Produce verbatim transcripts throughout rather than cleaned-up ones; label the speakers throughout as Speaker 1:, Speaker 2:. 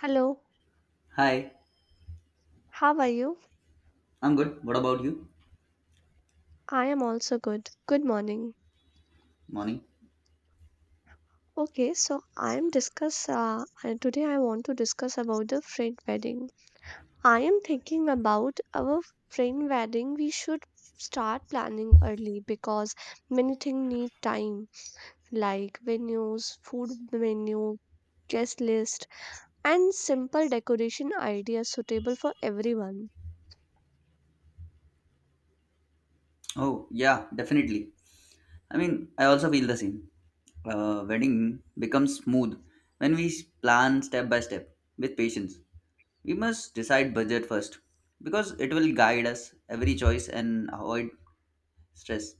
Speaker 1: Hello,
Speaker 2: Hi,
Speaker 1: how are you?
Speaker 2: I'm good. What about you?
Speaker 1: I am also good. Good morning.
Speaker 2: Morning.
Speaker 1: Okay, so I am discuss uh, uh, today I want to discuss about the friend wedding. I am thinking about our friend wedding. We should start planning early because many things need time like venues, food menu, guest list, and simple decoration ideas suitable for everyone.
Speaker 2: Oh, yeah, definitely. I mean, I also feel the same. Uh, wedding becomes smooth when we plan step by step with patience. We must decide budget first because it will guide us every choice and avoid stress.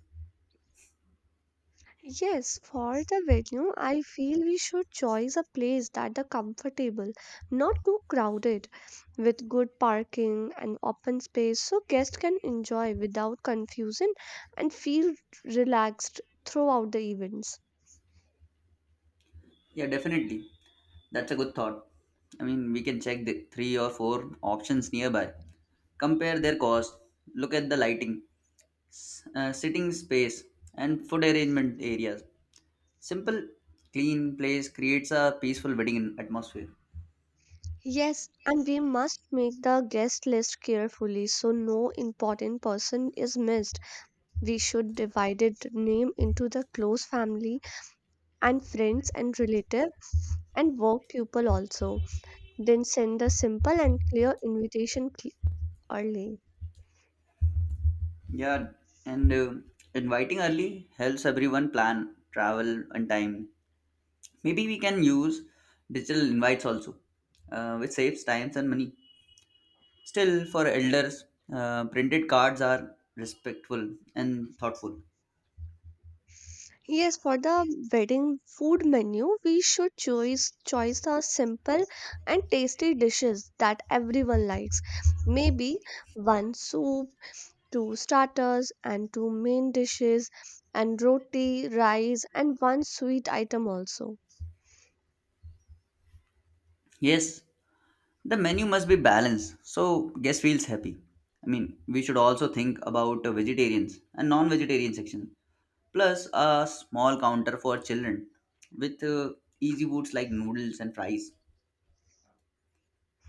Speaker 1: Yes, for the venue, I feel we should choose a place that are comfortable, not too crowded, with good parking and open space so guests can enjoy without confusion and feel relaxed throughout the events.
Speaker 2: Yeah, definitely. That's a good thought. I mean, we can check the three or four options nearby, compare their cost, look at the lighting, uh, sitting space, and food arrangement areas. Simple, clean place creates a peaceful wedding atmosphere.
Speaker 1: Yes, and we must make the guest list carefully so no important person is missed. We should divide it name into the close family and friends and relative and work people also. Then send the simple and clear invitation cl- early.
Speaker 2: Yeah, and uh, inviting early helps everyone plan, travel, and time. Maybe we can use digital invites also, uh, which saves times and money. Still, for elders, uh, printed cards are respectful and thoughtful.
Speaker 1: Yes, for the wedding food menu, we should choose choice the simple and tasty dishes that everyone likes. Maybe one soup, two starters and two main dishes, and roti, rice, and one sweet item also.
Speaker 2: Yes, the menu must be balanced so guest feels happy. I mean, we should also think about uh, vegetarians and non-vegetarian section, plus a small counter for children with uh, easy foods like noodles and fries.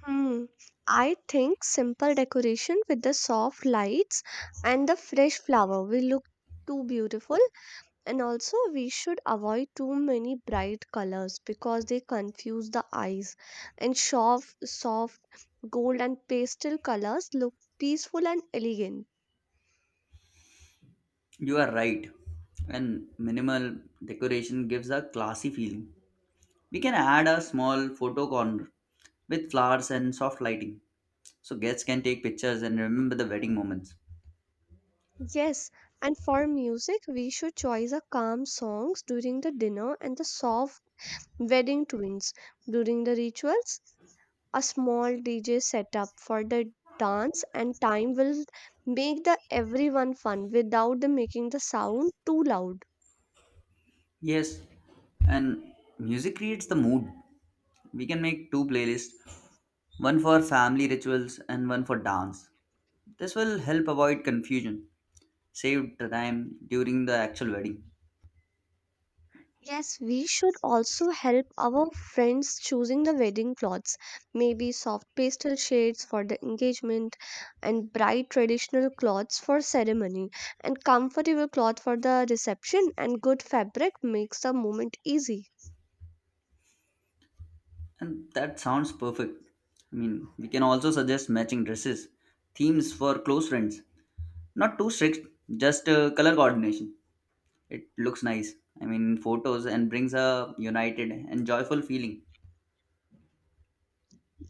Speaker 1: Hmm. I think simple decoration with the soft lights and the fresh flower will look too beautiful. And also, we should avoid too many bright colors because they confuse the eyes. And soft, soft gold and pastel colors look peaceful and elegant.
Speaker 2: You are right, and minimal decoration gives a classy feeling. We can add a small photo corner with flowers and soft lighting so guests can take pictures and remember the wedding moments.
Speaker 1: Yes, and for music, we should choose a calm songs during the dinner and the soft wedding tunes during the rituals. A small D J setup for the dance and time will make the everyone fun without the making the sound too loud.
Speaker 2: Yes, and music creates the mood. We can make two playlists, one for family rituals and one for dance. This will help avoid confusion, save the time during the actual wedding.
Speaker 1: Yes, we should also help our friends choosing the wedding clothes. Maybe soft pastel shades for the engagement, and bright traditional cloths for ceremony, and comfortable cloth for the reception, and good fabric makes the moment easy.
Speaker 2: And that sounds perfect. I mean, we can also suggest matching dresses, themes for close friends. Not too strict, just uh, color coordination. It looks nice. I mean, in photos, and brings a united and joyful feeling.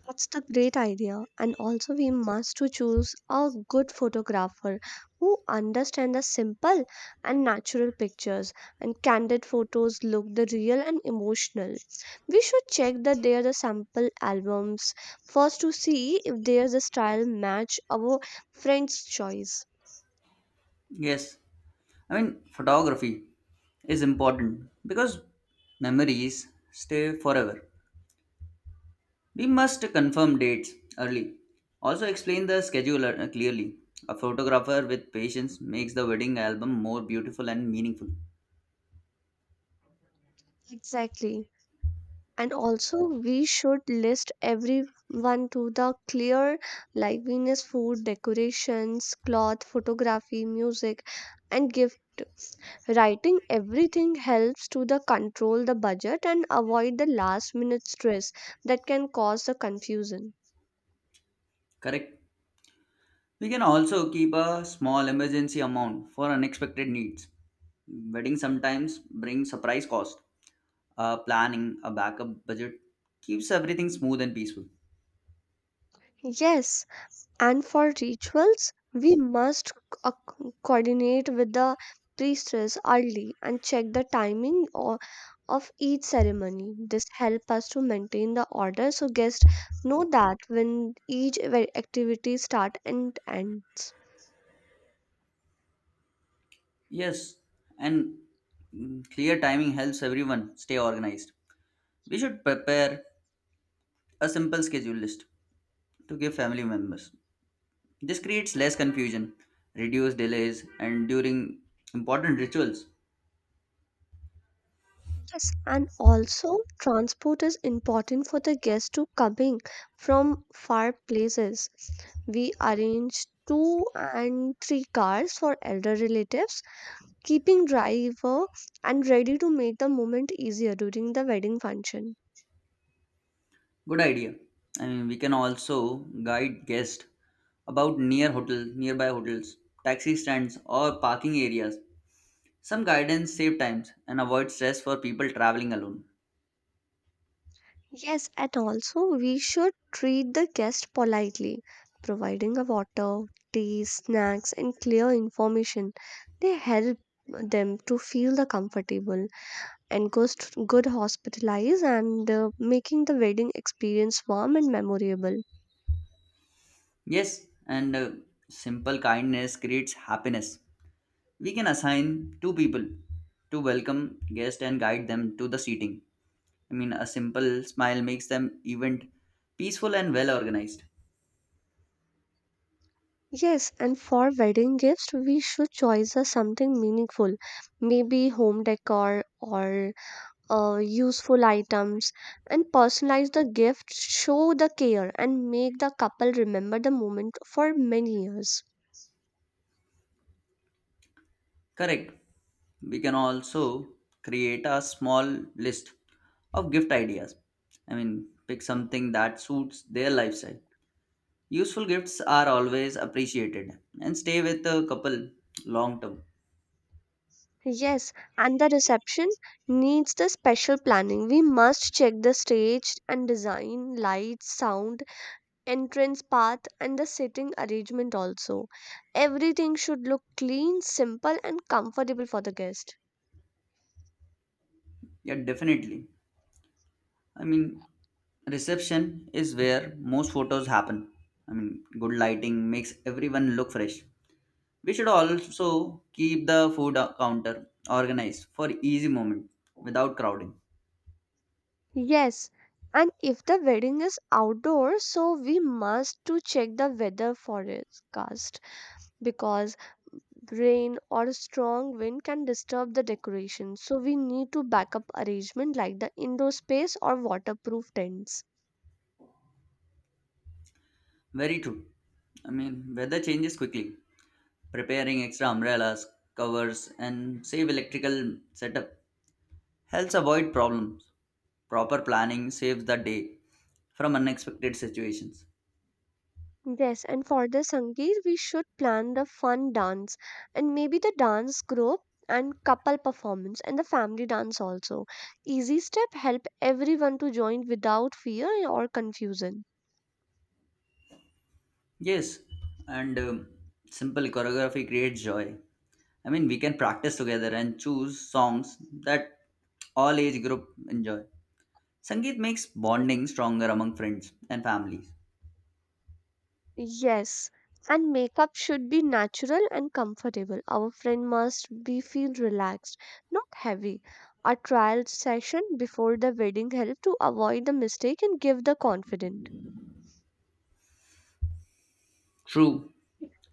Speaker 1: That's the great idea. And also we must to choose a good photographer who understands the simple and natural pictures and candid photos look the real and emotional. We should check that there are the sample albums first to see if there's a style match our friend's choice.
Speaker 2: Yes, I mean, photography is important because memories stay forever. We must confirm dates early. Also, explain the schedule uh, clearly. A photographer with patience makes the wedding album more beautiful and meaningful.
Speaker 1: Exactly, and also we should list everyone to the clear like venus, food, decorations, cloth, photography, music and gift. Writing everything helps to the control the budget and avoid the last minute stress that can cause the confusion.
Speaker 2: Correct. We can also keep a small emergency amount for unexpected needs. Wedding sometimes brings surprise cost. Uh, planning a backup budget keeps everything smooth and peaceful.
Speaker 1: Yes, and for rituals we must co- uh, coordinate with the priestess early and check the timing of each ceremony. This helps us to maintain the order so guests know that when each ve- activity start and ends.
Speaker 2: Yes, and mm, clear timing helps everyone stay organized. We should prepare a simple schedule list to give family members. This creates less confusion, reduce delays, and during important rituals.
Speaker 1: Yes, and also transport is important for the guests to coming from far places. We arrange two and three cars for elder relatives, keeping driver and ready to make the moment easier during the wedding function.
Speaker 2: Good idea. I mean, we can also guide guests about near hotel, nearby hotels, taxi stands, or parking areas. Some guidance save times and avoid stress for people traveling alone.
Speaker 1: Yes, and also we should treat the guest politely, providing a water, tea, snacks, and clear information. They help them to feel the comfortable and goes to good hospitalize and uh, making the wedding experience warm and memorable.
Speaker 2: Yes, and uh, simple kindness creates happiness. We can assign two people to welcome guests and guide them to the seating. I mean, a simple smile makes them event peaceful and well organized.
Speaker 1: Yes, and for wedding gifts, we should choose uh, something meaningful, maybe home decor or uh, useful items, and personalize the gift show the care and make the couple remember the moment for many years.
Speaker 2: Correct. We can also create a small list of gift ideas. I mean, pick something that suits their lifestyle. Useful gifts are always appreciated and stay with the couple long term.
Speaker 1: Yes, and the reception needs the special planning. We must check the stage and design, lights, sound, entrance path and the seating arrangement also. Everything should look clean, simple and comfortable for the guest.
Speaker 2: Yeah, definitely. I mean, Reception is where most photos happen. I mean, good lighting makes everyone look fresh. We should also keep the food counter organized for easy movement without crowding.
Speaker 1: Yes, and if the wedding is outdoors, so we must to check the weather forecast because rain or strong wind can disturb the decoration. So we need to backup arrangement like the indoor space or waterproof tents.
Speaker 2: Very true. I mean, weather changes quickly. Preparing extra umbrellas, covers, and save electrical setup helps avoid problems. Proper planning saves the day from unexpected situations.
Speaker 1: Yes, and for the Sangeet, we should plan the fun dance and maybe the dance group and couple performance and the family dance also. Easy step help everyone to join without fear or confusion.
Speaker 2: Yes, and um, simple choreography creates joy. I mean, we can practice together and choose songs that all age group enjoy. Sangeet makes bonding stronger among friends and families.
Speaker 1: Yes, and makeup should be natural and comfortable. Our friend must be feel relaxed, not heavy. A trial session before the wedding help to avoid the mistake and give the confident.
Speaker 2: True,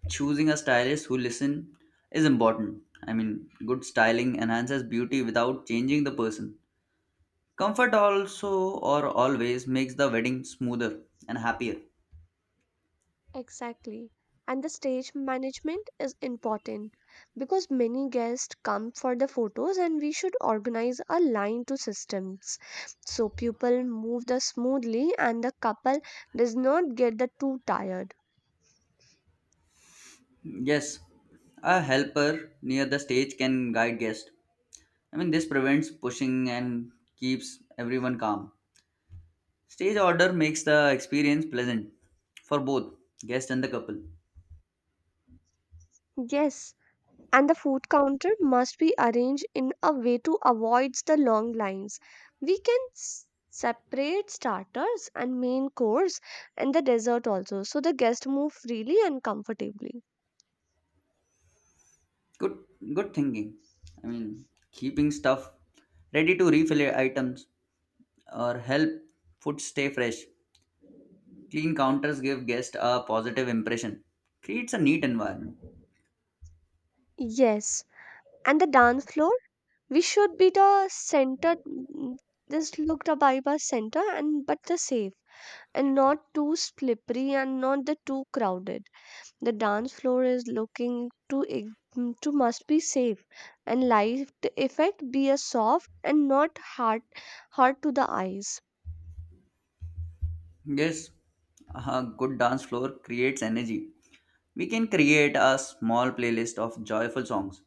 Speaker 2: choosing a stylist who listen is important. I mean, good styling enhances beauty without changing the person. Comfort also or always makes the wedding smoother and happier.
Speaker 1: Exactly. And the stage management is important because many guests come for the photos and we should organize a line to systems so people move the smoothly and the couple does not get the too tired.
Speaker 2: Yes, a helper near the stage can guide guests. I mean, this prevents pushing and keeps everyone calm. Stage order makes the experience pleasant for both guest and the couple.
Speaker 1: Yes, and the food counter must be arranged in a way to avoid the long lines. We can s- separate starters and main course and the dessert also so the guests move freely and comfortably.
Speaker 2: good good thinking. I mean keeping stuff ready to refill items or help food stay fresh, clean counters give guests a positive impression, creates a neat environment.
Speaker 1: Yes, and the dance floor we should be the center, mm, this looked a vibe as center and but the safe and not too slippery and not the too crowded. The dance floor is looking to ig- mm, to must be safe and light effect be a soft and not hard hard to the eyes.
Speaker 2: Yes, a good dance floor creates energy. We can create a small playlist of joyful songs.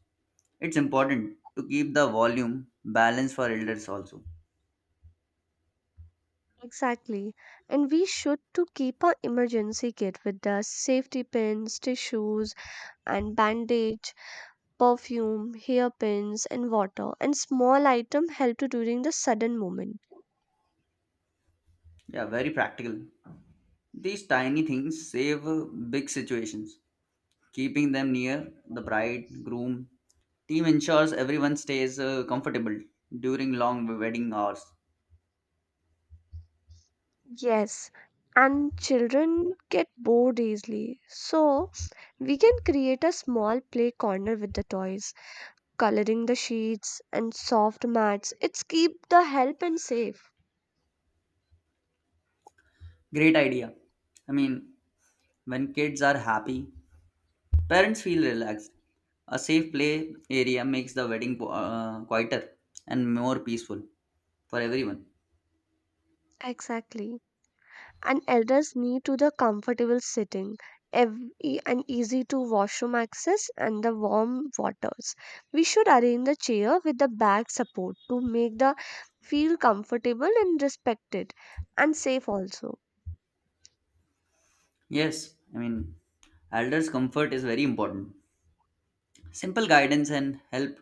Speaker 2: It's important to keep the volume balanced for elders also.
Speaker 1: Exactly. And we should to keep our emergency kit with us: safety pins, tissues and bandage, perfume, hairpins and water, and small item help to during the sudden moment.
Speaker 2: Yeah, very practical. These tiny things save uh, big situations. Keeping them near the bridegroom team ensures everyone stays uh, comfortable during long wedding hours.
Speaker 1: Yes. And children get bored easily. So we can create a small play corner with the toys, coloring the sheets and soft mats. It's keep the help and safe.
Speaker 2: Great idea. I mean, when kids are happy, parents feel relaxed. A safe play area makes the wedding po- uh, quieter and more peaceful for everyone.
Speaker 1: Exactly. And elders need to the comfortable sitting, ev- e- and easy to washroom access and the warm waters. We should arrange the chair with the back support to make the feel comfortable and respected and safe also.
Speaker 2: Yes, I mean, elders' comfort is very important. Simple guidance and help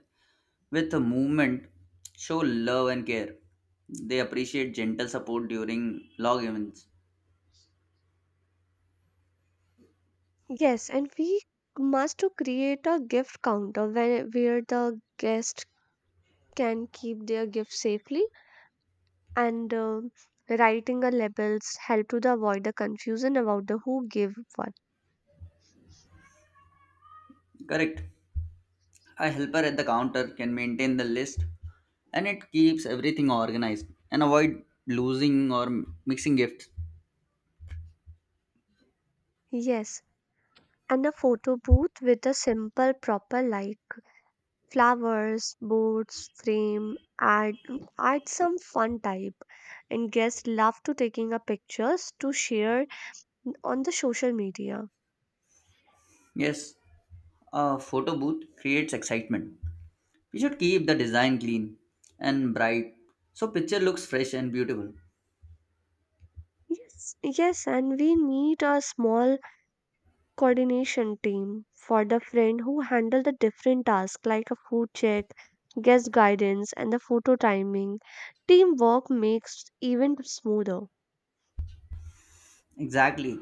Speaker 2: with a movement show love and care. They appreciate gentle support during log events.
Speaker 1: Yes, and we must to create a gift counter where, where the guest can keep their gifts safely, and um writing a labels help to the avoid the confusion about the who gave what.
Speaker 2: Correct. A helper at the counter can maintain the list and it keeps everything organized and avoid losing or mixing gifts.
Speaker 1: Yes, and a photo booth with a simple proper like flowers, boards, frame, add add some fun type, and guests love to taking a pictures to share on the social media.
Speaker 2: Yes, a photo booth creates excitement. We should keep the design clean and bright so picture looks fresh and beautiful.
Speaker 1: yes yes, and we need a small coordination team for the friend who handle the different tasks like a food check, guest guidance, and the photo timing. Teamwork makes event smoother.
Speaker 2: Exactly.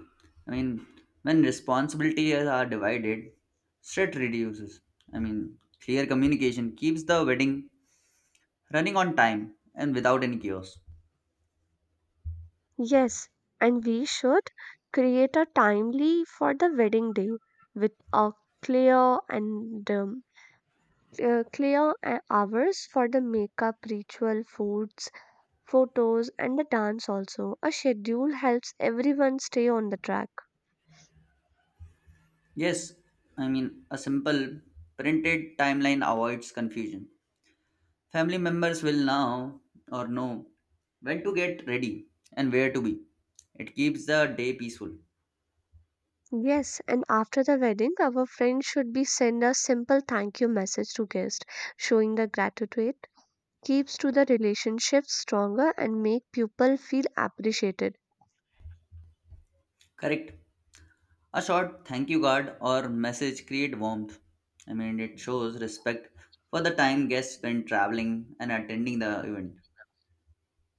Speaker 2: I mean, when responsibilities are divided, stress reduces. I mean, clear communication keeps the wedding running on time and without any chaos.
Speaker 1: Yes, and we should create a timely for the wedding day with a clear and um, uh, clear uh, hours for the makeup, ritual, foods, photos, and the dance also. A schedule helps everyone stay on the track.
Speaker 2: Yes, I mean, a simple printed timeline avoids confusion. Family members will now or know when to get ready and where to be. It keeps the day peaceful.
Speaker 1: Yes, and after the wedding, our friends should be send a simple thank you message to guest, showing the gratitude keeps to the relationship stronger and make people feel appreciated.
Speaker 2: Correct. A short thank you card or message create warmth. I mean, it shows respect for the time guests spend traveling and attending the event.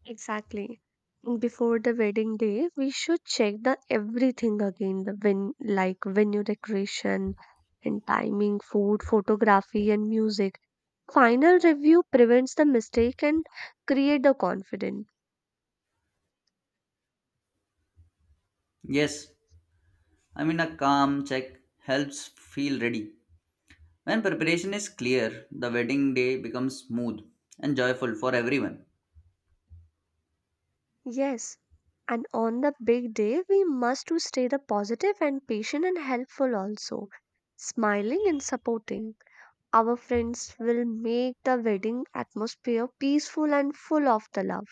Speaker 1: Exactly. Before the wedding day, we should check the everything again, the ven- like venue decoration and timing, food, photography and music. Final review prevents the mistake and create the confidence.
Speaker 2: Yes, I mean, a calm check helps feel ready. When preparation is clear, the wedding day becomes smooth and joyful for everyone.
Speaker 1: Yes, and on the big day, we must to stay the positive and patient and helpful also. Smiling and supporting. Our friends will make the wedding atmosphere peaceful and full of the love.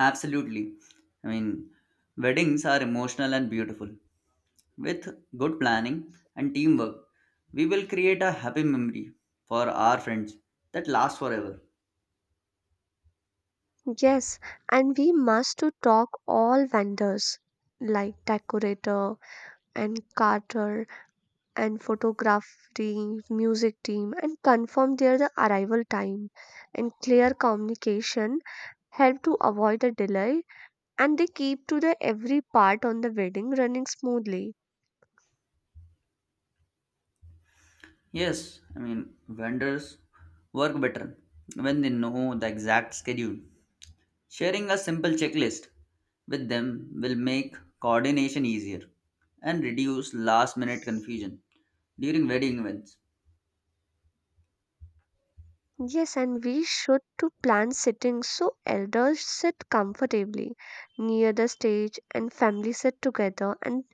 Speaker 2: Absolutely. I mean, Weddings are emotional and beautiful. With good planning and teamwork, we will create a happy memory for our friends that lasts forever.
Speaker 1: Yes, and we must to talk all vendors like decorator and caterer and photography music team and confirm their the arrival time, and clear communication help to avoid the delay and they keep to the every part on the wedding running smoothly.
Speaker 2: Yes, I mean, vendors work better when they know the exact schedule. Sharing a simple checklist with them will make coordination easier and reduce last minute confusion during wedding events.
Speaker 1: Yes, and we should to plan sitting so elders sit comfortably near the stage and family sit together and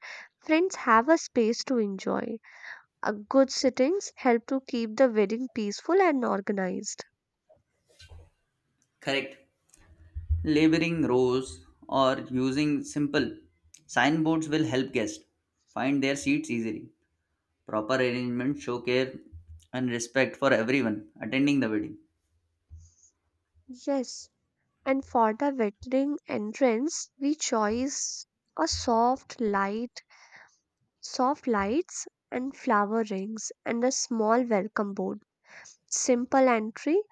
Speaker 1: friends have a space to enjoy. A good sittings help to keep the wedding peaceful and organized.
Speaker 2: Correct. Labeling rows or using simple signboards will help guests find their seats easily. Proper arrangement show care and respect for everyone attending the wedding.
Speaker 1: Yes, and for the wedding entrance, we choose a soft light, soft lights and flower rings and a small welcome board. Simple entry,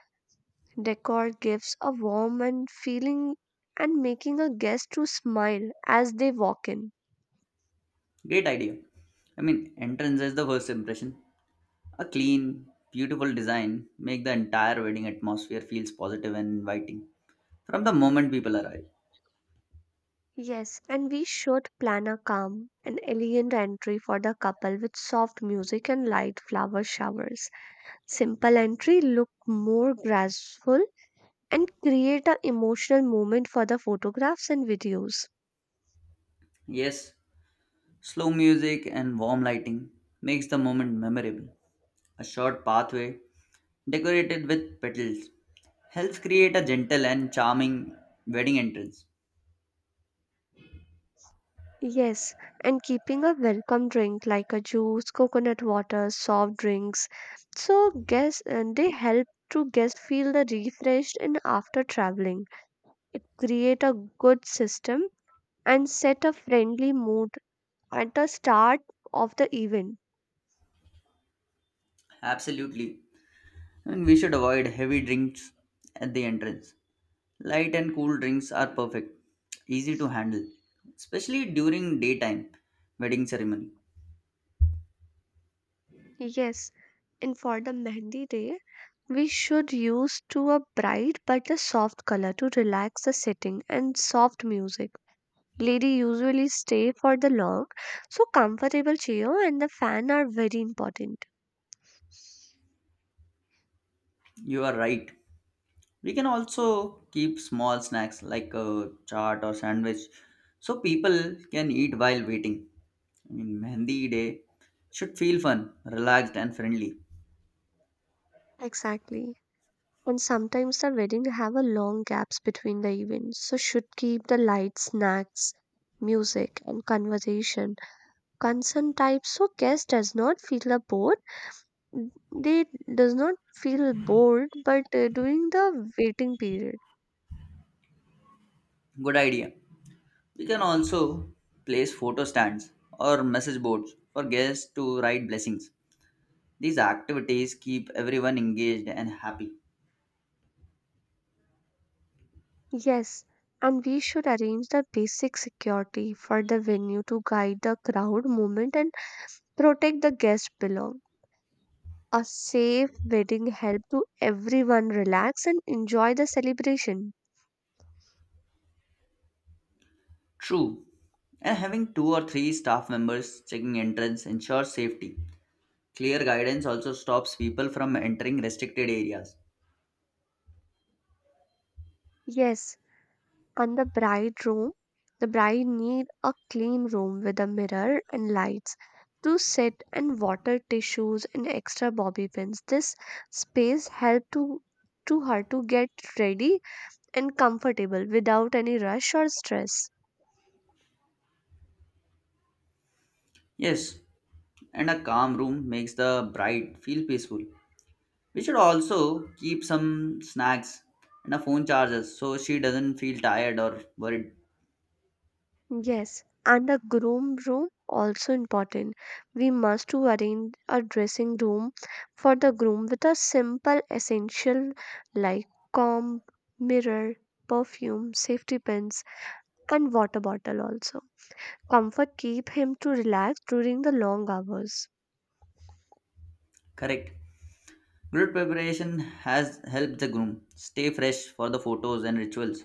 Speaker 1: decor gives a warm and feeling and making a guest to smile as they walk in.
Speaker 2: Great idea. I mean, entrance is the first impression. A clean, beautiful design make the entire wedding atmosphere feels positive and inviting from the moment people arrive.
Speaker 1: Yes, and we should plan a calm and elegant entry for the couple with soft music and light flower showers. Simple entry look more graceful and create an emotional moment for the photographs and videos.
Speaker 2: Yes, slow music and warm lighting makes the moment memorable. A short pathway decorated with petals helps create a gentle and charming wedding entrance.
Speaker 1: Yes, and keeping a welcome drink like a juice, coconut water, soft drinks. So guests uh, they help to guests feel the refreshed and after traveling. It create a good system and set a friendly mood at the start of the event.
Speaker 2: Absolutely. And we should avoid heavy drinks at the entrance. Light and cool drinks are perfect, easy to handle, especially during daytime wedding ceremony.
Speaker 1: Yes, and for the mehndi day, we should use to a bright but a soft color to relax the setting and soft music. Lady usually stay for the long, so comfortable chair and the fan are very important.
Speaker 2: You are right. We can also keep small snacks like a chaat or sandwich so people can eat while waiting. I mean, Mehndi Day should feel fun, relaxed, and friendly.
Speaker 1: Exactly. And sometimes the wedding have a long gaps between the events, so should keep the lights, snacks, music and conversation concern type so guest does not feel a bored, they does not feel bored, but uh, during the waiting period.
Speaker 2: Good idea. We can also place photo stands or message boards for guests to write blessings. These activities keep everyone engaged and happy.
Speaker 1: Yes, and we should arrange the basic security for the venue to guide the crowd movement and protect the guest below. A safe wedding help to everyone relax and enjoy the celebration.
Speaker 2: True. And having two or three staff members checking entrance ensures safety. Clear guidance also stops people from entering restricted areas.
Speaker 1: Yes, and the bride room. The bride need a clean room with a mirror and lights to sit and water, tissues and extra bobby pins. This space help to to her to get ready and comfortable without any rush or stress.
Speaker 2: Yes, and a calm room makes the bride feel peaceful. We should also keep some snacks and a phone charger so she doesn't feel tired or worried.
Speaker 1: Yes, and the groom room also important. We must to arrange a dressing room for the groom with a simple essential like comb, mirror, perfume, safety pins, and water bottle also. Comfort keep him to relax during the long hours.
Speaker 2: Correct. Grid preparation has helped the groom stay fresh for the photos and rituals.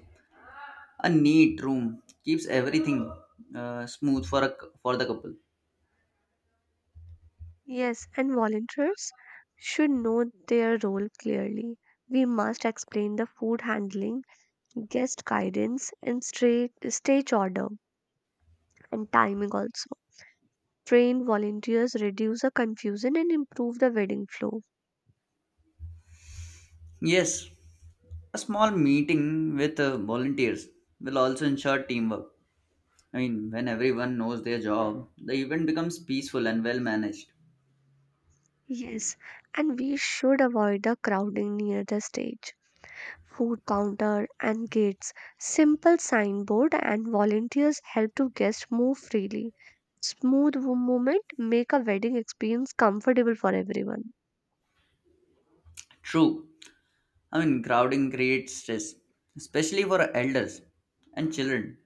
Speaker 2: A neat room keeps everything uh, smooth for a, cou- for the couple.
Speaker 1: Yes, and volunteers should know their role clearly. We must explain the food handling, guest guidance, and straight stage order and timing also. Train volunteers reduce the confusion and improve the wedding flow.
Speaker 2: Yes, a small meeting with uh, volunteers will also ensure teamwork. I mean, when everyone knows their job, the event becomes peaceful and well managed.
Speaker 1: Yes, and we should avoid the crowding near the stage. Food counter and gates, simple signboard, and volunteers help to guests move freely. Smooth wo- movement make a wedding experience comfortable for everyone.
Speaker 2: True. I mean, crowding creates stress, especially for elders and children.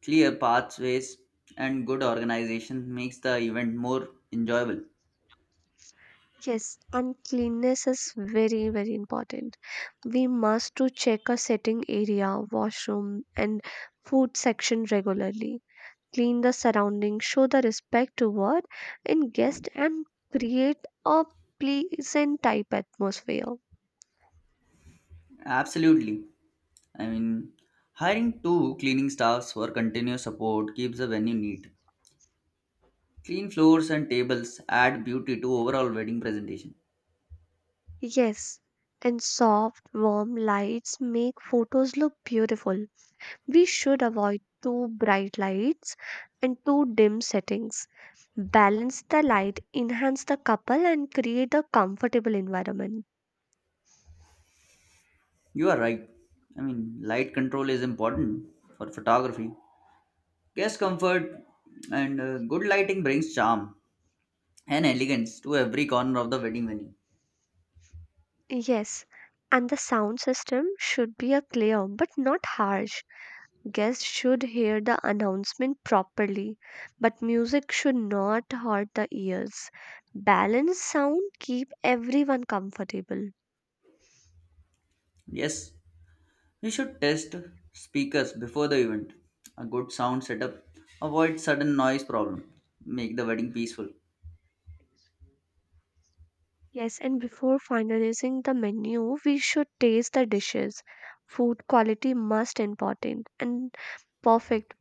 Speaker 2: Clear pathways and good organization makes the event more enjoyable.
Speaker 1: Yes, and cleanliness is very very important. We must to check a sitting area, washroom, and food section regularly. Clean the surroundings, show the respect toward in guest and create a pleasant type atmosphere.
Speaker 2: Absolutely. I mean, Hiring two cleaning staffs for continuous support keeps the venue neat. Clean floors and tables add beauty to overall wedding presentation.
Speaker 1: Yes, and soft, warm lights make photos look beautiful. We should avoid too bright lights and too dim settings. Balance the light, enhance the couple, and create a comfortable environment.
Speaker 2: You are right. I mean, light control is important for photography, guest comfort, and uh, good lighting brings charm and elegance to every corner of the wedding venue.
Speaker 1: Yes, and the sound system should be a clear but not harsh. Guests should hear the announcement properly, but music should not hurt the ears. Balanced sound keep everyone comfortable.
Speaker 2: Yes, you should test speakers before the event. A good sound setup avoid sudden noise problem. Make the wedding peaceful.
Speaker 1: Yes, and before finalizing the menu, we should taste the dishes. Food quality must important and perfect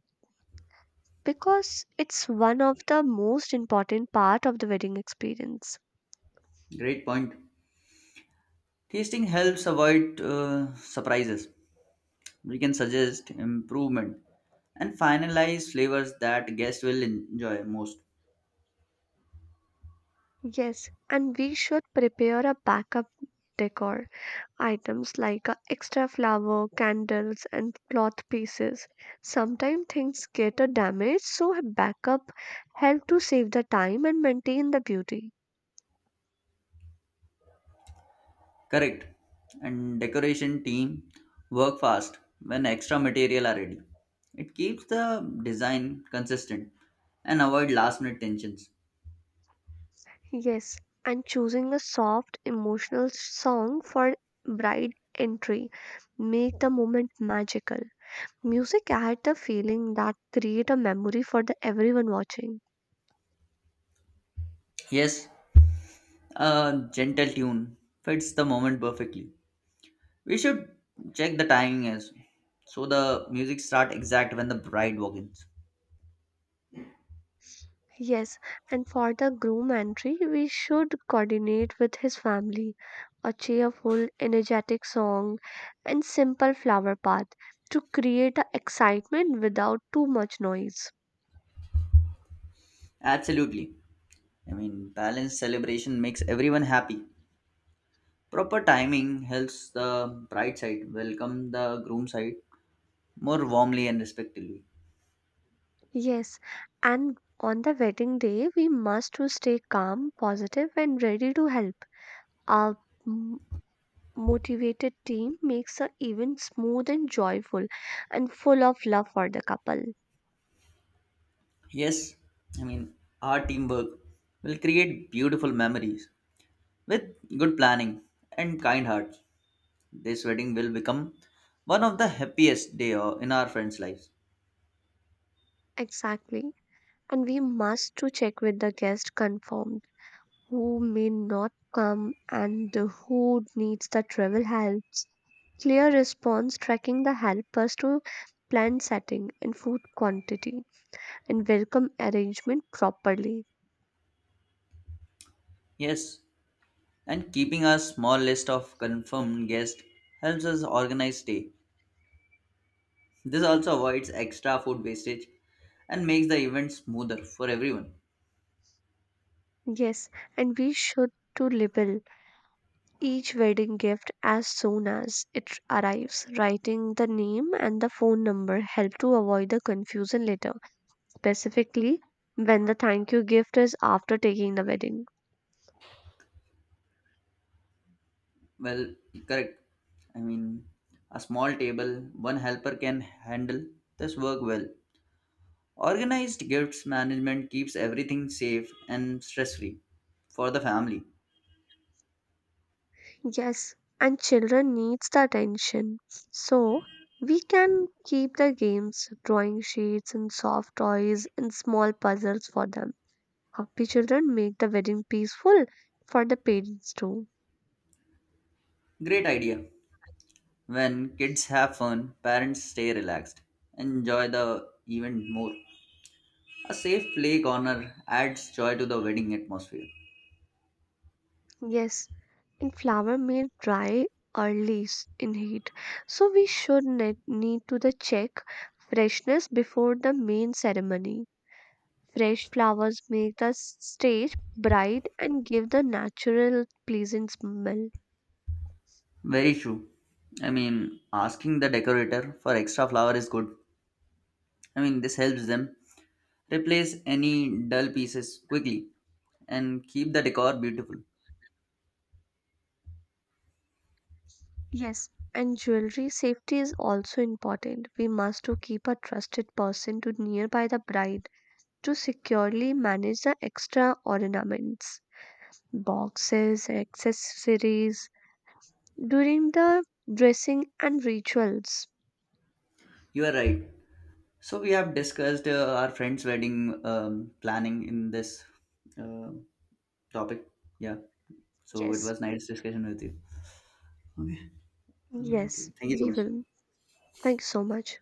Speaker 1: because it's one of the most important part of the wedding experience.
Speaker 2: Great point. Tasting helps avoid uh, surprises. We can suggest improvement and finalize flavors that guests will enjoy most.
Speaker 1: Yes, and we should prepare a backup decor items like uh, extra flower, candles, and cloth pieces. Sometimes things get uh, damaged, so a backup help to save the time and maintain the beauty.
Speaker 2: Correct. And decoration team work fast when extra material are ready. It keeps the design consistent and avoid last minute tensions.
Speaker 1: Yes, and choosing a soft, emotional song for bride entry make the moment magical. Music add the feeling that create a memory for the everyone watching.
Speaker 2: Yes, a gentle tune fits the moment perfectly. We should check the timing as so the music start exact when the bride walks in.
Speaker 1: Yes, and for the groom entry, we should coordinate with his family a cheerful, energetic song and simple flower path to create a excitement without too much noise.
Speaker 2: Absolutely. I mean, balanced celebration makes everyone happy. Proper timing helps the bride side welcome the groom side more warmly and respectfully.
Speaker 1: Yes, and on the wedding day, we must to stay calm, positive, and ready to help. A m- motivated team makes the event smooth and joyful and full of love for the couple.
Speaker 2: Yes, I mean, our teamwork will create beautiful memories with good planning and kind hearts. This wedding will become one of the happiest day o- in our friends' lives.
Speaker 1: Exactly, and we must to check with the guest confirmed who may not come and who needs the travel helps. Clear response tracking the helpers to plan setting and food quantity and welcome arrangement properly.
Speaker 2: Yes, and keeping a small list of confirmed guests helps us organize stay. This also avoids extra food wastage and makes the event smoother for everyone.
Speaker 1: Yes, and we should to label each wedding gift as soon as it arrives. Writing the name and the phone number help to avoid the confusion later, specifically when the thank you gift is after taking the wedding.
Speaker 2: Well, correct. I mean, a small table, one helper can handle this work well. Organized gifts management keeps everything safe and stress free for the family.
Speaker 1: Yes, and children needs the attention. So we can keep the games, drawing sheets and soft toys and small puzzles for them. Happy children make the wedding peaceful for the parents too.
Speaker 2: Great idea. When kids have fun, parents stay relaxed, enjoy the event more. A safe play corner adds joy to the wedding atmosphere.
Speaker 1: Yes, and flower may dry early s- in heat. So we should ne- need to the check freshness before the main ceremony. Fresh flowers make the s- stage bright and give the natural pleasant smell.
Speaker 2: Very true. I mean, asking the decorator for extra flower is good. I mean, this helps them replace any dull pieces quickly and keep the decor beautiful.
Speaker 1: Yes, and jewelry safety is also important. We must to keep a trusted person to nearby the bride to securely manage the extra ornaments, boxes, accessories during the dressing and rituals.
Speaker 2: You are right. So we have discussed uh, our friend's wedding um, planning in this uh, topic. Yeah. So it
Speaker 1: Yes,
Speaker 2: was nice discussion with you. Okay. Uh, okay.
Speaker 1: yes,
Speaker 2: Thank you so
Speaker 1: we
Speaker 2: much.
Speaker 1: will. Thank you so much.